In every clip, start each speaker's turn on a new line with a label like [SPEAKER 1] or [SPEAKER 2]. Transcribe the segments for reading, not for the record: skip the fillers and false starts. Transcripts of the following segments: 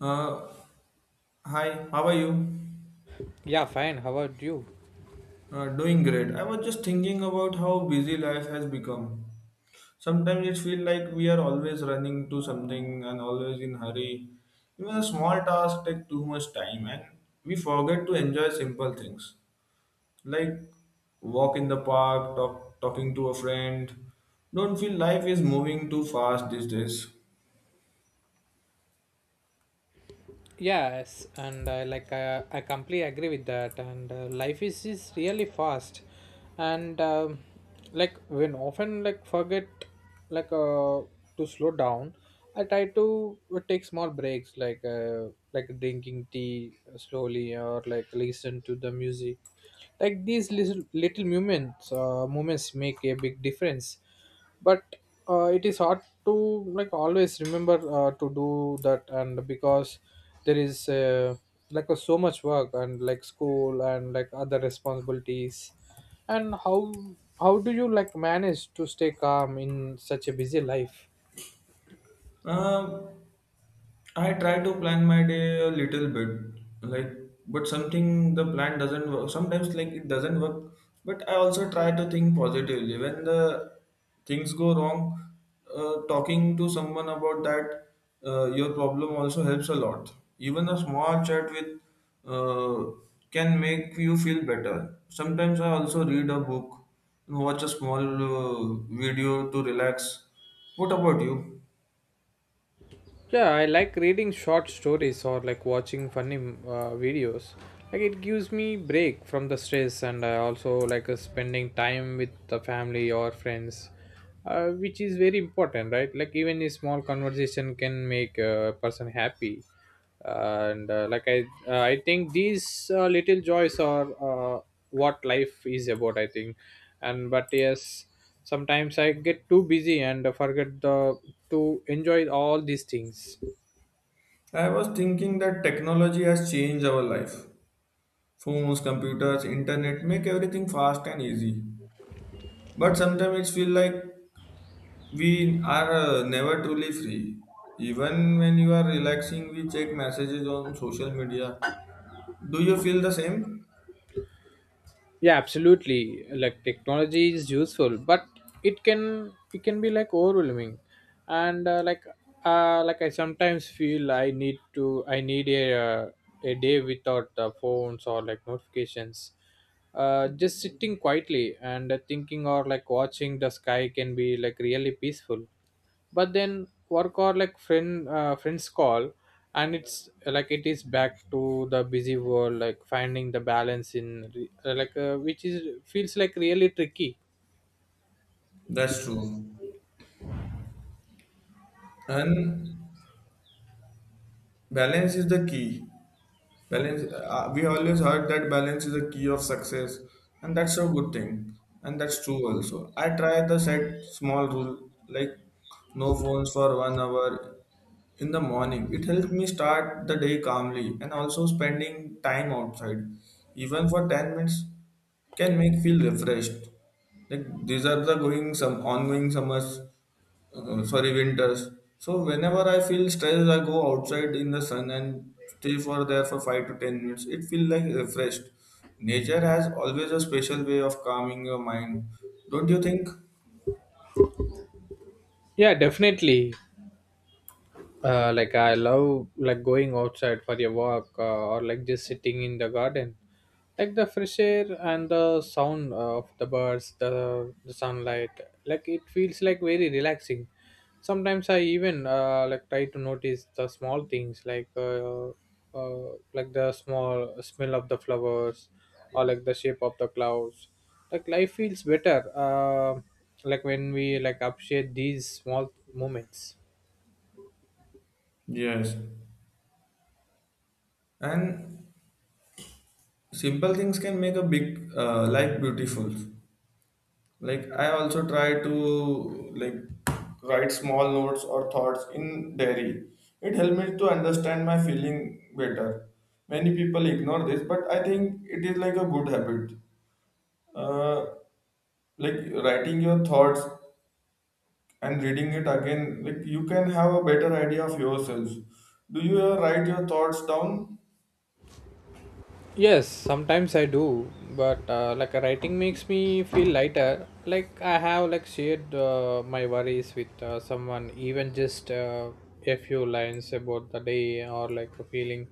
[SPEAKER 1] Uh, Hi, how are you?
[SPEAKER 2] Yeah, fine. How about you?
[SPEAKER 1] Doing great. I was just thinking about how busy life has become. Sometimes it feels like we are always running to something and always in hurry. Even a small task take too much time and we forget to enjoy simple things like walk in the park, talking to a friend. Don't feel life is moving too fast these days.
[SPEAKER 2] Yes, and I completely agree with that. And life is really fast, and like when often like forget like to slow down. I try to take small breaks, like drinking tea slowly, or listen to the music. Like these little moments make a big difference, but it is hard to always remember to do that. And Because there is so much work, and school, and other responsibilities. And how do you manage to stay calm in such a busy life?
[SPEAKER 1] Um I try to plan my day a little bit, like, but something the plan doesn't work. Sometimes, like, it doesn't work. But I also try to think positively. When the things go wrong, talking to someone about that your problem also helps a lot. Even a small chat with uh, can make you feel better. Sometimes I also read a book, watch a small video to relax. What about you?
[SPEAKER 2] Yeah, I like reading short stories, or watching funny videos. Like it gives me break from the stress. And I also like spending time with the family or friends, which is very important, right? Like even a small conversation can make a person happy. And like I I think these little joys are what life is about, I think. And but yes, sometimes I get too busy and forget the to enjoy all these things.
[SPEAKER 1] I was thinking that technology has changed our life. Phones, computers, internet make everything fast and easy. But sometimes it feels like we are never truly free. Even when you are relaxing, we check messages on social media. Do you feel the same?
[SPEAKER 2] Yeah, absolutely. Like technology is useful, but it can be overwhelming. And I sometimes feel I need a day without phones or notifications. Just sitting quietly and thinking, or watching the sky can be really peaceful. But then work or friends call, and it's like it is back to the busy world. Like finding the balance in re- like which is feels like really tricky.
[SPEAKER 1] That's true. And balance is the key. Balance, we always heard that balance is a key of success, and that's a good thing, and that's true. Also, I try the set small rule, like no phones for 1 hour in the morning. It helps me start the day calmly, and also spending time outside, even for 10 minutes, can make feel refreshed. Like these are the going some ongoing summers, sorry, winters. So whenever I feel stressed, I go outside in the sun and stay for there for 5 to 10 minutes. It feels like refreshed. Nature has always a special way of calming your mind. Don't you think?
[SPEAKER 2] Yeah, definitely. Like I love going outside for a walk, or just sitting in the garden. Like the fresh air and the sound of the birds, the sunlight, like it feels like very relaxing. Sometimes I even try to notice the small things, like the small smell of the flowers, or the shape of the clouds. Like life feels better when we appreciate these small moments.
[SPEAKER 1] Yes, and simple things can make a big life beautiful. Like I also try to like write small notes or thoughts in diary. It helps me to understand my feeling better. Many people ignore this, but I think it is like a good habit. uh, like writing your thoughts and reading it again, like you can have a better idea of yourself. Do you ever write your thoughts down?
[SPEAKER 2] Yes, sometimes I do. But writing makes me feel lighter, like I have shared my worries with someone. Even just a few lines about the day, or a feeling,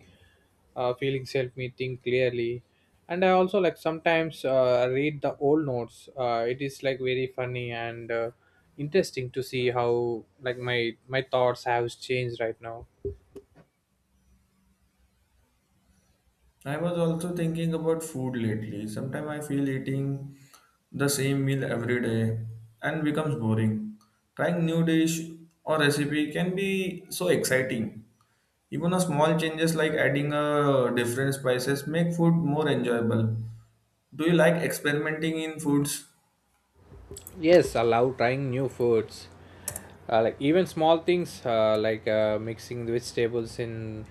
[SPEAKER 2] feelings help me think clearly. And I also sometimes read the old notes. It is like very funny and interesting to see how my thoughts have changed right now.
[SPEAKER 1] I was also thinking about food lately. Sometimes I feel eating the same meal every day and becomes boring. Trying new dish or recipe can be so exciting. Even a small changes like adding a different spices make food more enjoyable. Do you like experimenting in foods?
[SPEAKER 2] Yes, I love trying new foods. Even small things, mixing the vegetables in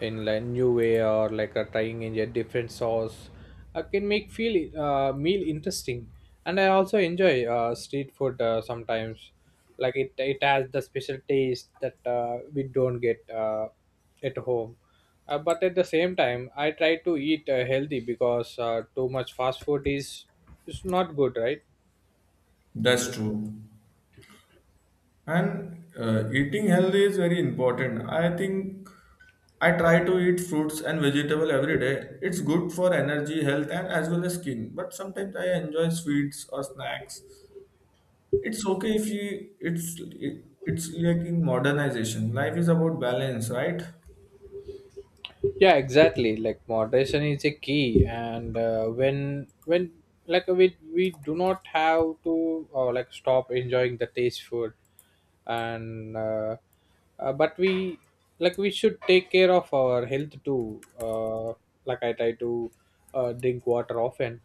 [SPEAKER 2] in like new way, or trying in a different sauce, can make feel meal interesting. And I also enjoy street food sometimes. Like it has the special taste that we don't get at home. But at the same time, I try to eat healthy, because too much fast food is not good, right?
[SPEAKER 1] That's true. And eating healthy is very important. I think I try to eat fruits and vegetable every day. It's good for energy, health, and as well as skin. But sometimes I enjoy sweets or snacks. It's okay if you. It's like in modernization. Life is about balance, right?
[SPEAKER 2] Yeah, exactly. Like moderation is a key, and when we do not have to stop enjoying the taste food. And But we we should take care of our health too. Like I try to drink water often,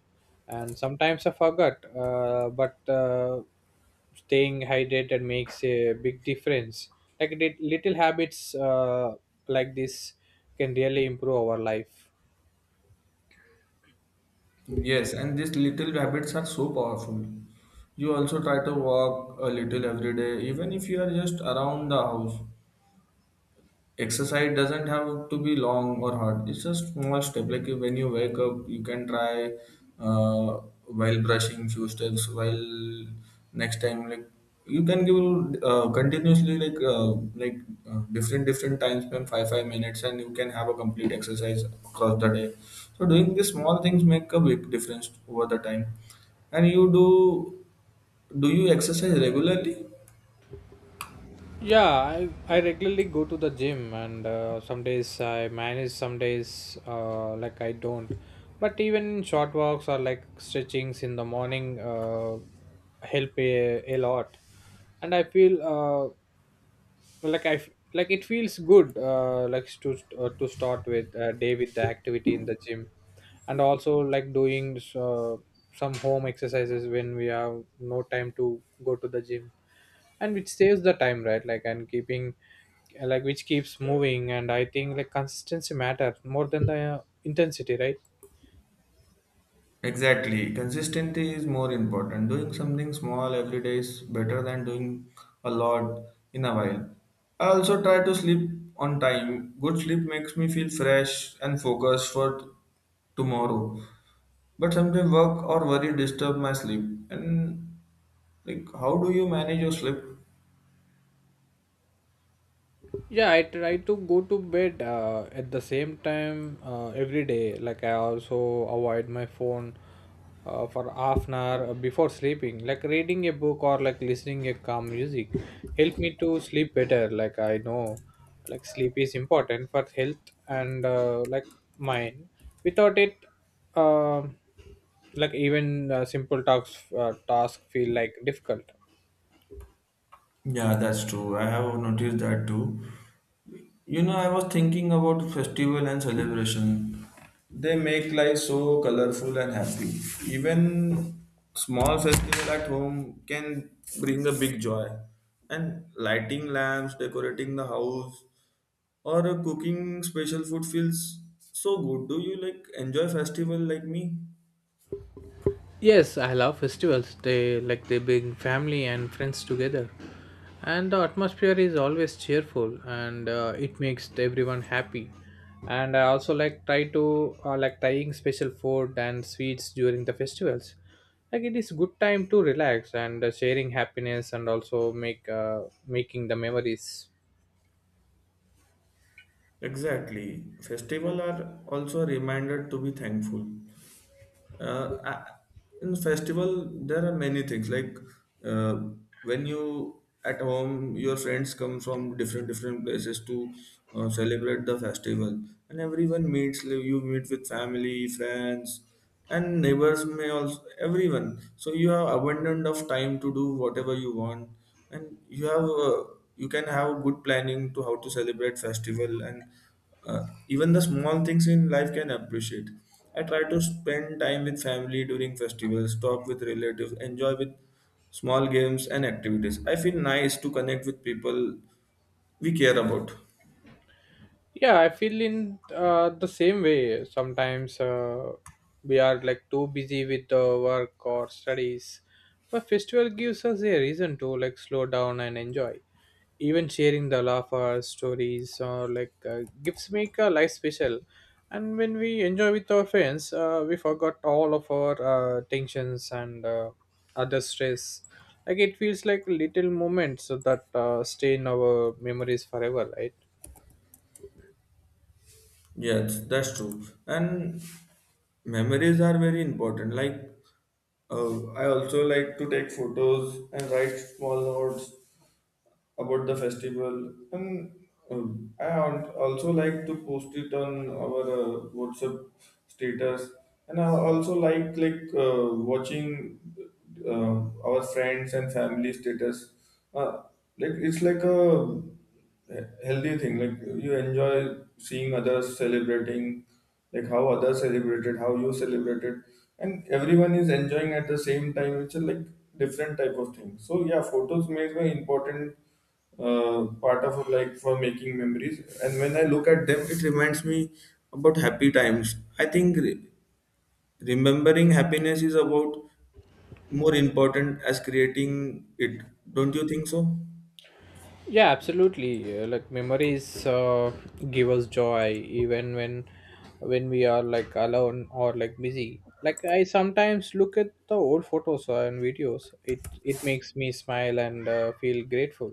[SPEAKER 2] and sometimes I forget, but staying hydrated makes a big difference. Like little habits like this can really improve our life.
[SPEAKER 1] Yes, and these little habits are so powerful. You also try to walk a little every day, even if you are just around the house. Exercise doesn't have to be long or hard. It's a small step, like when you wake up, you can try, uh, while brushing, few steps. While next time, like, you can give, continuously, like different time span, five minutes, and you can have a complete exercise across the day. So doing these small things make a big difference over the time. And you do do you exercise regularly?
[SPEAKER 2] I regularly go to the gym, and some days I manage, some days I don't. But even short walks, or stretchings in the morning help a lot. And I feel like I f- like it feels good to start with day with the activity in the gym. And also doing some home exercises when we have no time to go to the gym, and which saves the time, right? like and keeping like Which keeps moving. And I think consistency matters more than the intensity, right?
[SPEAKER 1] Exactly. Consistency is more important. Doing something small every day is better than doing a lot in a while. I also try to sleep on time. Good sleep makes me feel fresh and focused for tomorrow. But sometimes work or worry disturb my sleep. And like, how do you manage your sleep?
[SPEAKER 2] Yeah, I try to go to bed at the same time every day. Like I also avoid my phone for half an hour before sleeping. Like reading a book, or listening a calm music help me to sleep better. Like I know, like sleep is important for health and mind. Without it, um like even simple tasks task feel like difficult.
[SPEAKER 1] Yeah, that's true. I have noticed that too. You know, I was thinking about festival and celebration. They make life so colorful and happy. Even small festival at home can bring a big joy. And lighting lamps, decorating the house, or cooking special food feels so good. Do you like enjoy festival like me?
[SPEAKER 2] Yes, I love festivals. They bring family and friends together, and the atmosphere is always cheerful, and it makes everyone happy. And I also try to trying special food and sweets during the festivals. Like it is good time to relax, and sharing happiness, and also make making the memories.
[SPEAKER 1] Exactly. Festival are also a reminder to be thankful. uh, I- in festival there are many things, like, uh, when you at home, your friends come from different places to celebrate the festival, and everyone meets, like, you meet with family friends and neighbors may also everyone, so you have abundant of time to do whatever you want, and you can have good planning to how to celebrate festival, and even the small things in life can appreciate. I try to spend time with family during festivals, talk with relatives, enjoy with small games and activities. I feel nice to connect with people we care about.
[SPEAKER 2] Yeah, I feel in the same way. Sometimes we are like too busy with work or studies, but festival gives us a reason to slow down and enjoy. Even sharing the laughter, stories, or gifts make our life special. And when we enjoy with our friends, we forgot all of our tensions, and other stress. Like it feels like little moments that stay in our memories forever, right?
[SPEAKER 1] Yes, that's true. And memories are very important. Like, I also like to take photos and write small notes about the festival, and also like to post it on our WhatsApp status. And I also like watching uh, our friends and family status. uh, like it's like a healthy thing, like you enjoy seeing others celebrating, like how others celebrated, how you celebrated, and everyone is enjoying at the same time. It's a like different type of thing. So yeah, photos make an important uh, part of like for making memories, and when I look at them, it reminds me about times. I think re- about more as creating it. Don't you know?
[SPEAKER 2] Yeah, absolutely. Memories give us joy even when we are like alone or busy. Like I sometimes look at the old photos and videos. It makes me smile, and feel grateful.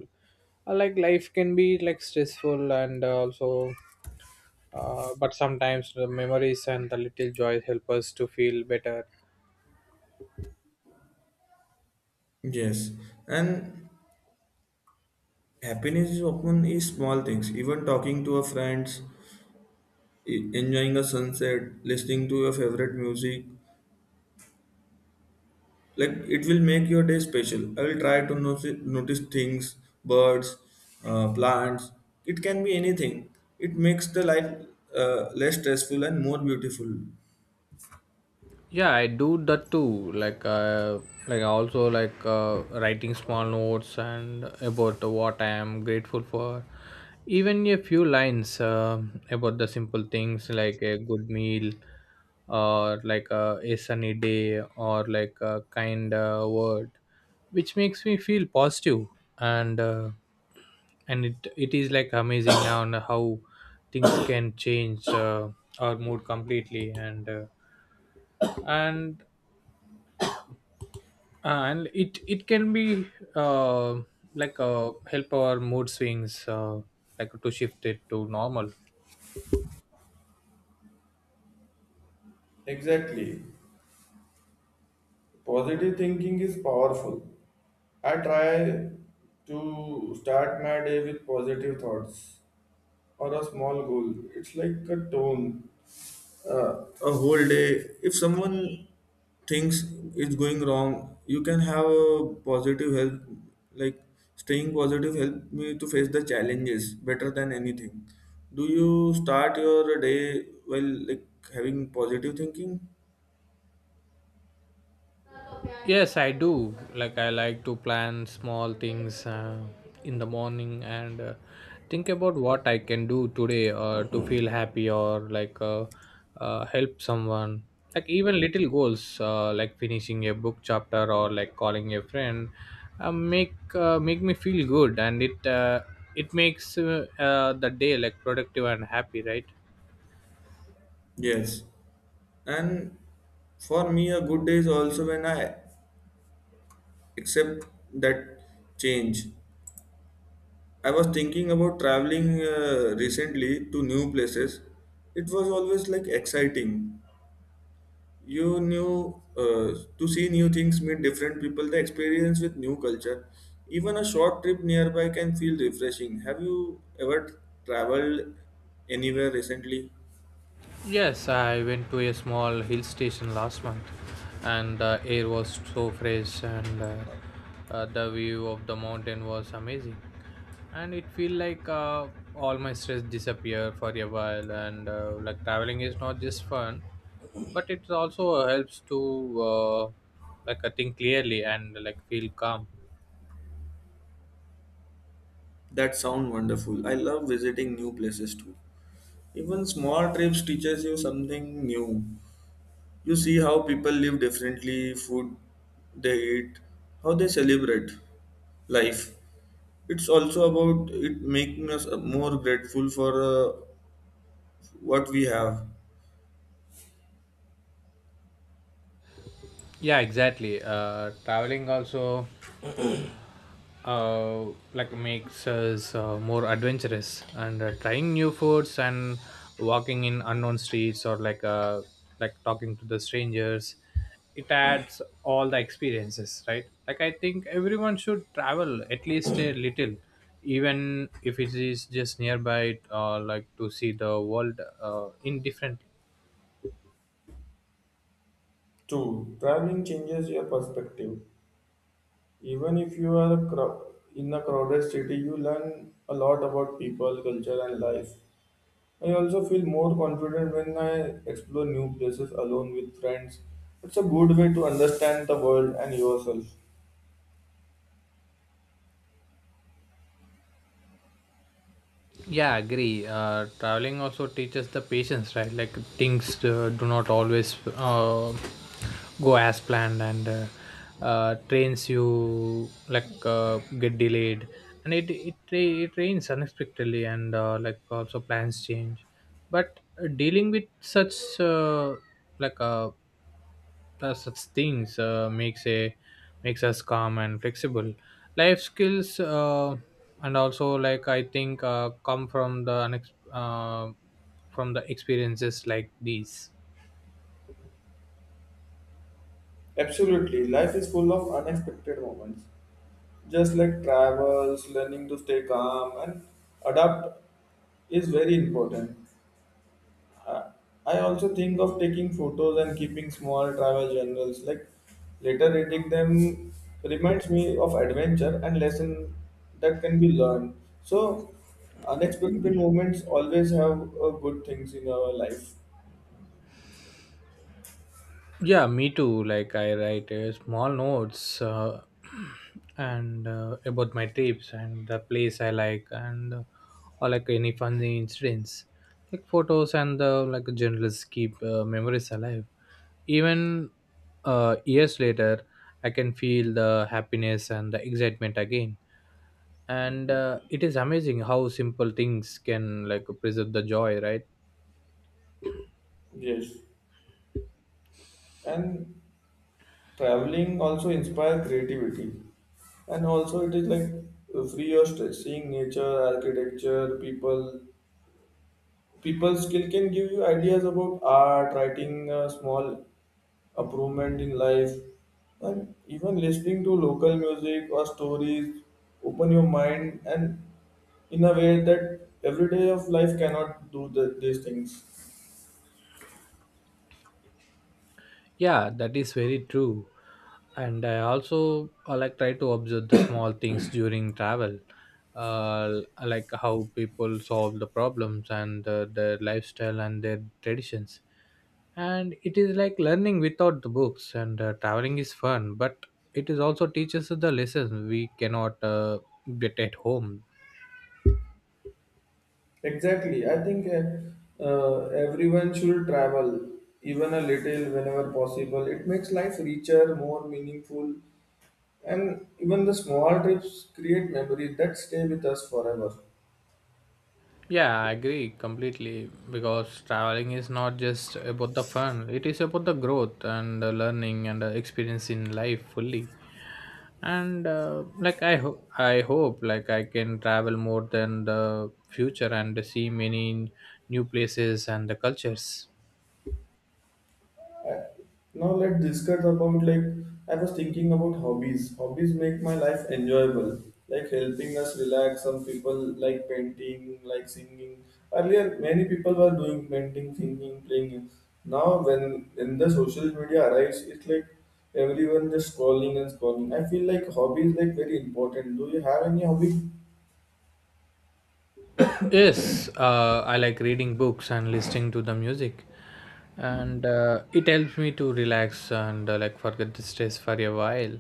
[SPEAKER 2] Like life can be like stressful, and also but sometimes the memories and the little joy help us to feel better.
[SPEAKER 1] Yes, and happiness is often is small things, even talking to a friends, enjoying a sunset, listening to your favorite music. Like it will make your day special. I will try to notice things, birds, plants. It can be anything. It makes the life less stressful and more beautiful.
[SPEAKER 2] Yeah, I do that too. I also writing small notes and about what I am grateful for. Even a few lines about the simple things, like a good meal, or a sunny day, or a kind word, which makes me feel positive. And uh, and it is like amazing now on how things can change our mood completely. And uh, and and it can be uh, help our mood swings like to shift it to normal.
[SPEAKER 1] Exactly. Positive thinking is powerful. I try to start my day with positive thoughts or a small goal. It's like a tone, a whole day. If someone thinks it's going wrong, you can have a positive help. Like staying positive help me to face the challenges better than anything. Do you start your day while like having positive thinking?
[SPEAKER 2] Yes, I do. Like I like to plan small things in the morning, and think about what I can do today, or to feel happy, or help someone. Like even little goals, like finishing a book chapter, or calling a friend, make me feel good. And it It makes the day like productive and happy, right?
[SPEAKER 1] Yes, and for me, a good day is also when I accept that change. I was thinking about traveling recently to new places. It was always like exciting. You knew to see new things, meet different people, the experience with new culture. Even a short trip nearby can feel refreshing. Have you ever traveled anywhere recently?
[SPEAKER 2] Yes, I went to a small hill station last month, and the air was so fresh, and the view of the mountain was amazing. And it feel like all my stress disappear for a while, and traveling is not just fun, but it also helps to I think clearly and feel calm.
[SPEAKER 1] That sound wonderful. I love visiting new places too. Even small trips teaches you something new. You see how people live differently, food they eat, how they celebrate life. It's also about it making us more grateful for what we have.
[SPEAKER 2] Yeah, exactly. Traveling also. uh, makes us more adventurous, and trying new foods, and walking in unknown streets, or talking to the strangers. It adds all the experiences, right? Like I think everyone should travel at least a little, even if it is just nearby, to see the world indifferently.
[SPEAKER 1] True, traveling changes your perspective. Even if you are in a crowded city, you learn a lot about people, culture, and life. I also feel more confident when I explore new places alone with friends. It's a good way to understand the world and yourself.
[SPEAKER 2] Yeah, agree. Traveling also teaches the patience, right? Like things do not always go as planned. And trains you like get delayed, and it rains unexpectedly, and also plans change. But dealing with such uh, like uh, such things makes us calm and flexible. Life skills and also I think come from the from the experiences like these.
[SPEAKER 1] Absolutely, life is full of unexpected moments. Just like travels, learning to stay calm and adapt is very important. I I also think of taking photos and keeping small travel journals. Like later reading them reminds me of adventure and lesson that can be learned. So unexpected moments always have good things in our life.
[SPEAKER 2] Yeah, me too. Like I write small notes and about my trips, and the place I like, and or any funny incidents. Like photos and journalists keep memories alive. Even years later, I can feel the happiness and the excitement again. And it is amazing how simple things can preserve the joy, right?
[SPEAKER 1] Yes, and traveling also inspire creativity. And also it is like free of stress. Seeing nature, architecture, people, people skill can give you ideas about art, writing, small improvement in life, and even listening to local music or stories open your mind and in a way that everyday of life cannot do these things.
[SPEAKER 2] Yeah, that is very true. And I also try to observe the small things during travel, like how people solve the problems, and their lifestyle, and their traditions. And it is like learning without the books. And traveling is fun, but it is also teaches us the lessons we cannot get at home.
[SPEAKER 1] Exactly. I think everyone should travel, even a little whenever possible. It makes life richer, more meaningful, and even the small trips create memories that stay with us forever.
[SPEAKER 2] Yeah, I agree completely, because traveling is not just about the fun, it is about the growth, and the learning, and the experience in life fully. And I hope I can travel more than the future, and see many new places and the cultures.
[SPEAKER 1] Now let's discuss about, like, I was thinking about hobbies. Hobbies make my life enjoyable, like helping us relax. Some people like painting, like singing. Earlier, many people were doing painting, singing, playing. Now, when in the social media arrives, it's like everyone just scrolling and scrolling. I feel like hobbies like very important. Do you have any hobby?
[SPEAKER 2] Yes, I like reading books and listening to the music and it helps me to relax and like forget the stress for a while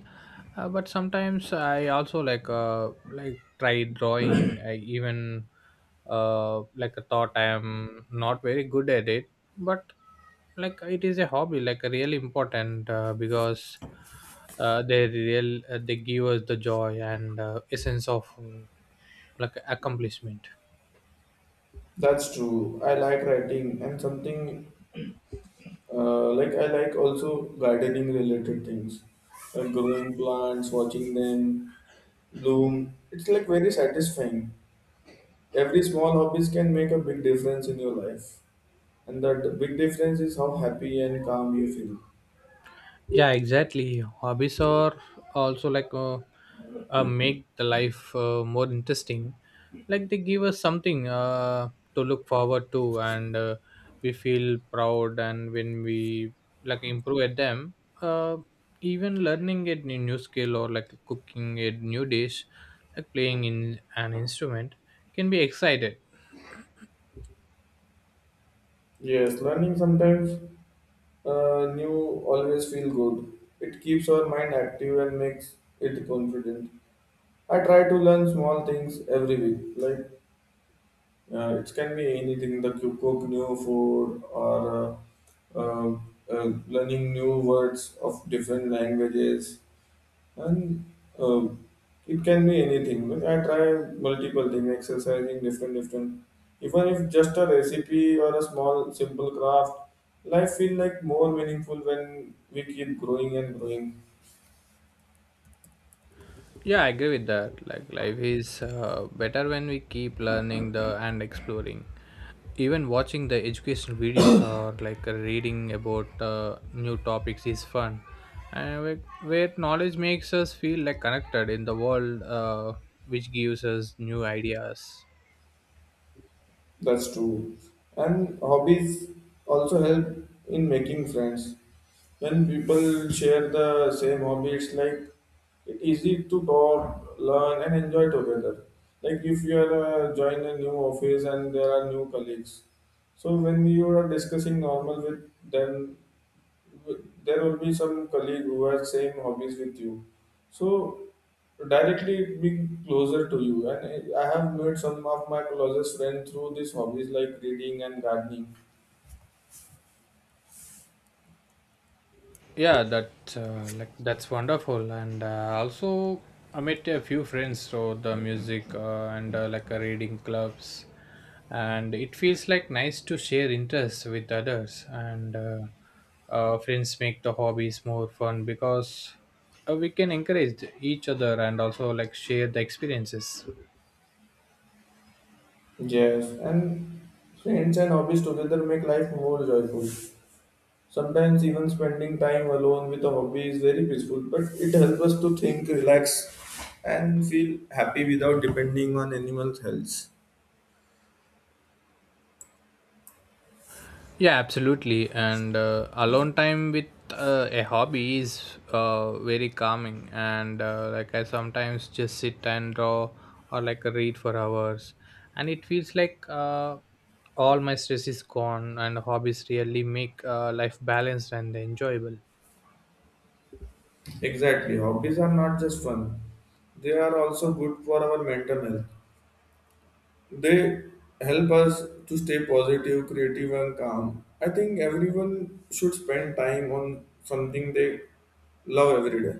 [SPEAKER 2] but sometimes I also like like try drawing. I even like thought I am not very good at it, but like it is a hobby, like really important, because they give us the joy and a sense of like accomplishment.
[SPEAKER 1] That's true. I like writing and something. Like I like also gardening related things, like growing plants, watching them bloom. It's like very satisfying. Every small hobbies can make a big difference in your life, and that big difference is how happy and calm you feel.
[SPEAKER 2] Yeah, exactly, hobbies are also like make the life more interesting, like they give us something to look forward to, and we feel proud, and when we like improve at them, uh, even learning a new skill or like cooking a new dish, like playing in an instrument can be excited.
[SPEAKER 1] Yes, learning sometimes new always feel good. It keeps our mind active and makes it confident. I try to learn small things every week, like. It can be anything that you cook new food or uh, uh, learning new words of different languages, and uh, it can be anything. Like I try multiple things, exercising different. Even if just a recipe or a small simple craft, life feel like more meaningful when we keep growing and growing.
[SPEAKER 2] Yeah, I agree with that. Like life is better when we keep learning the and exploring. Even watching the educational videos or like reading about new topics is fun, and where knowledge makes us feel like connected in the world, which gives us new ideas.
[SPEAKER 1] That's true. And hobbies also help in making friends. When people share the same hobby, it's like it's easy to talk, learn, and enjoy together. Like if you are join a new office and there are new colleagues, so when you are discussing normal with them, there will be some colleague who has same hobbies with you, so directly it being closer to you, and I have made some of my closest friends through these hobbies like reading and gardening.
[SPEAKER 2] Yeah, that like that's wonderful, and also I met a few friends so the music and reading clubs, and it feels like nice to share interests with others, and friends make the hobbies more fun because we can encourage each other and also like share the experiences.
[SPEAKER 1] Yes, and friends and hobbies together make life more joyful. Sometimes even spending time alone with a hobby is very peaceful, but it helps us to think, relax, and feel happy without depending on anyone's else.
[SPEAKER 2] Yeah, absolutely. And alone time with a hobby is very calming. And like I sometimes just sit and draw or like read for hours, and it feels like all my stress is gone. And hobbies really make life balanced and enjoyable.
[SPEAKER 1] Exactly. Hobbies are not just fun, they are also good for our mental health. They help us to stay positive, creative, and calm. I think everyone should spend time on something they love every day.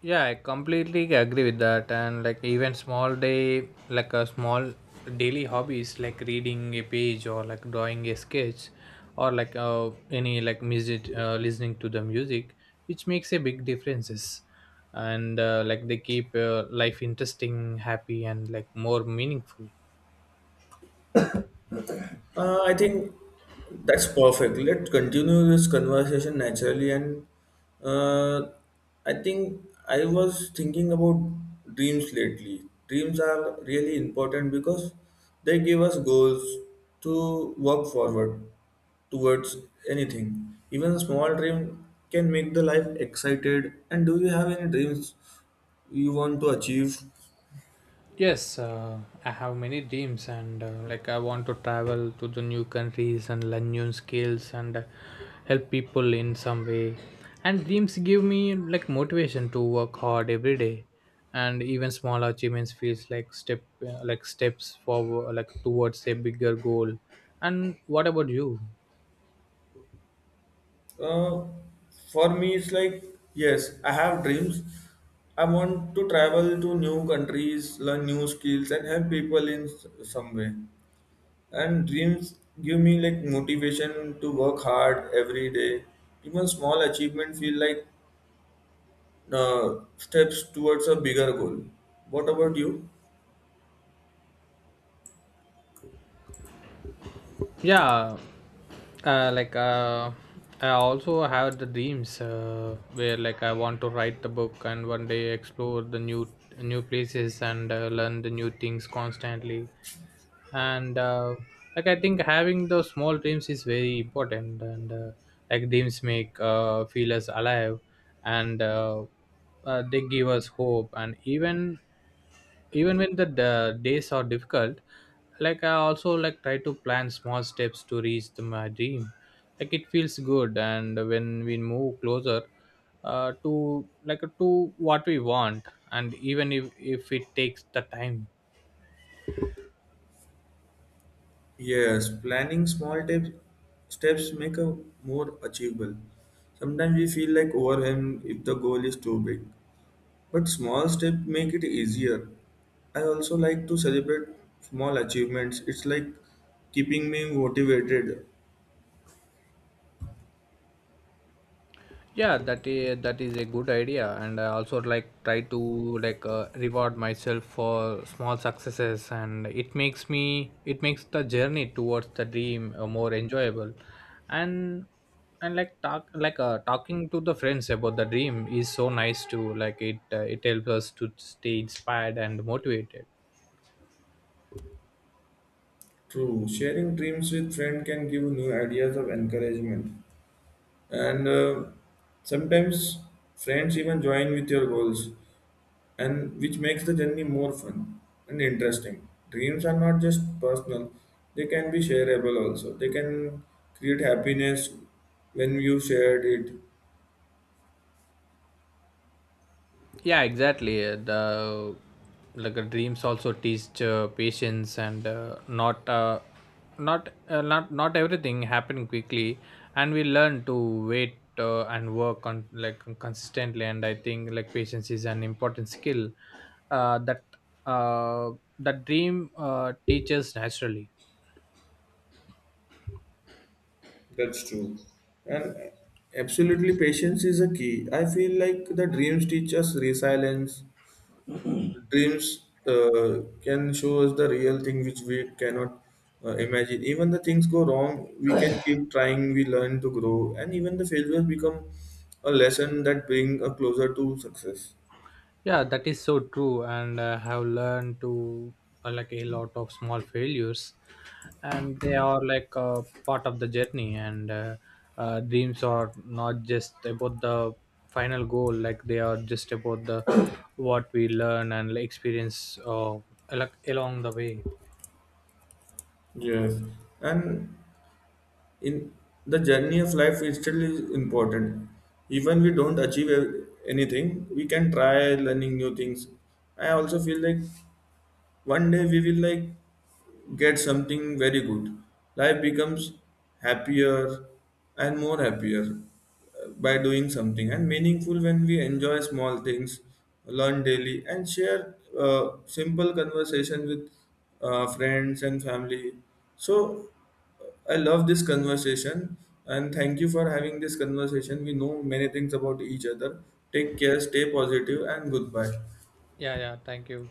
[SPEAKER 2] Yeah, I completely agree with that. And like even small day, like a small daily hobbies like reading a page or like drawing a sketch or like any like music, listening to the music, which makes a big differences. And like they keep life interesting, happy, and like more meaningful.
[SPEAKER 1] I think that's perfect. Let's continue this conversation naturally. And uh, I think I was thinking about dreams lately. Dreams are really important because they give us goals to work forward towards anything. Even a small dream can make the life excited. And do you have any dreams you want to achieve?
[SPEAKER 2] Yes, I have many dreams, and like I want to travel to the new countries and learn new skills and help people in some way. And dreams give me like motivation to work hard every day, and even small achievements feels like step like steps forward like towards a bigger goal. And what about you?
[SPEAKER 1] Uh, for me, it's like, yes, I have dreams. I want to travel to new countries, learn new skills, and help people in some way. And dreams give me like motivation to work hard every day. Even small achievement feel like steps towards a bigger goal. What about you?
[SPEAKER 2] Yeah, uh, like uh, I also have the dreams where like I want to write the book and one day explore the new places and learn the new things constantly, and like I think having those small dreams is very important, and like dreams make feel us alive, and they give us hope, and even when the days are difficult, like I also like try to plan small steps to reach the, my dream. Like it feels good and when we move closer to like to what we want, and even if it takes the time.
[SPEAKER 1] Yes, planning small steps make a more achievable. Sometimes we feel like overwhelmed if the goal is too big. But small steps make it easier. I also like to celebrate small achievements. It's like keeping me motivated.
[SPEAKER 2] Yeah, that is a good idea, and I also like try to like reward myself for small successes, and it makes the journey towards the dream more enjoyable. and and like talking to the friends about the dream is so nice too. Like it it helps us to stay inspired and motivated.
[SPEAKER 1] True, sharing dreams with friends can give new ideas of encouragement. And sometimes friends even join with your goals, and which makes the journey more fun and interesting. Dreams are not just personal; they can be shareable also. They can create happiness when you shared it.
[SPEAKER 2] Yeah, exactly. The like dreams also teach patience, and not everything happen quickly, and we learn to wait and work on like consistently. And I think like patience is an important skill uh, that uh, that dream teaches naturally.
[SPEAKER 1] That's true. And absolutely, patience is a key. I feel like the dreams teach us resilience. Dreams can show us the real thing which we cannot imagine. Even the things go wrong, we can keep trying, we learn to grow, and even the failures become a lesson that bring us closer to success.
[SPEAKER 2] Yeah, that is so true, and I have learned to like a lot of small failures, and they are like part of the journey. And dreams are not just about the final goal; like they are just about the what we learn and like, experience like along the way.
[SPEAKER 1] Yes. And in the journey of life is still is important. Even we don't achieve anything, we can try learning new things. I also feel like one day we will like get something very good. Life becomes happier and more happier by doing something and meaningful when we enjoy small things, learn daily, and share simple conversation with friends and family. So I love this conversation, and thank you for having this conversation. We know many things about each other. Take care, stay positive, and goodbye.
[SPEAKER 2] Yeah, yeah. Thank you.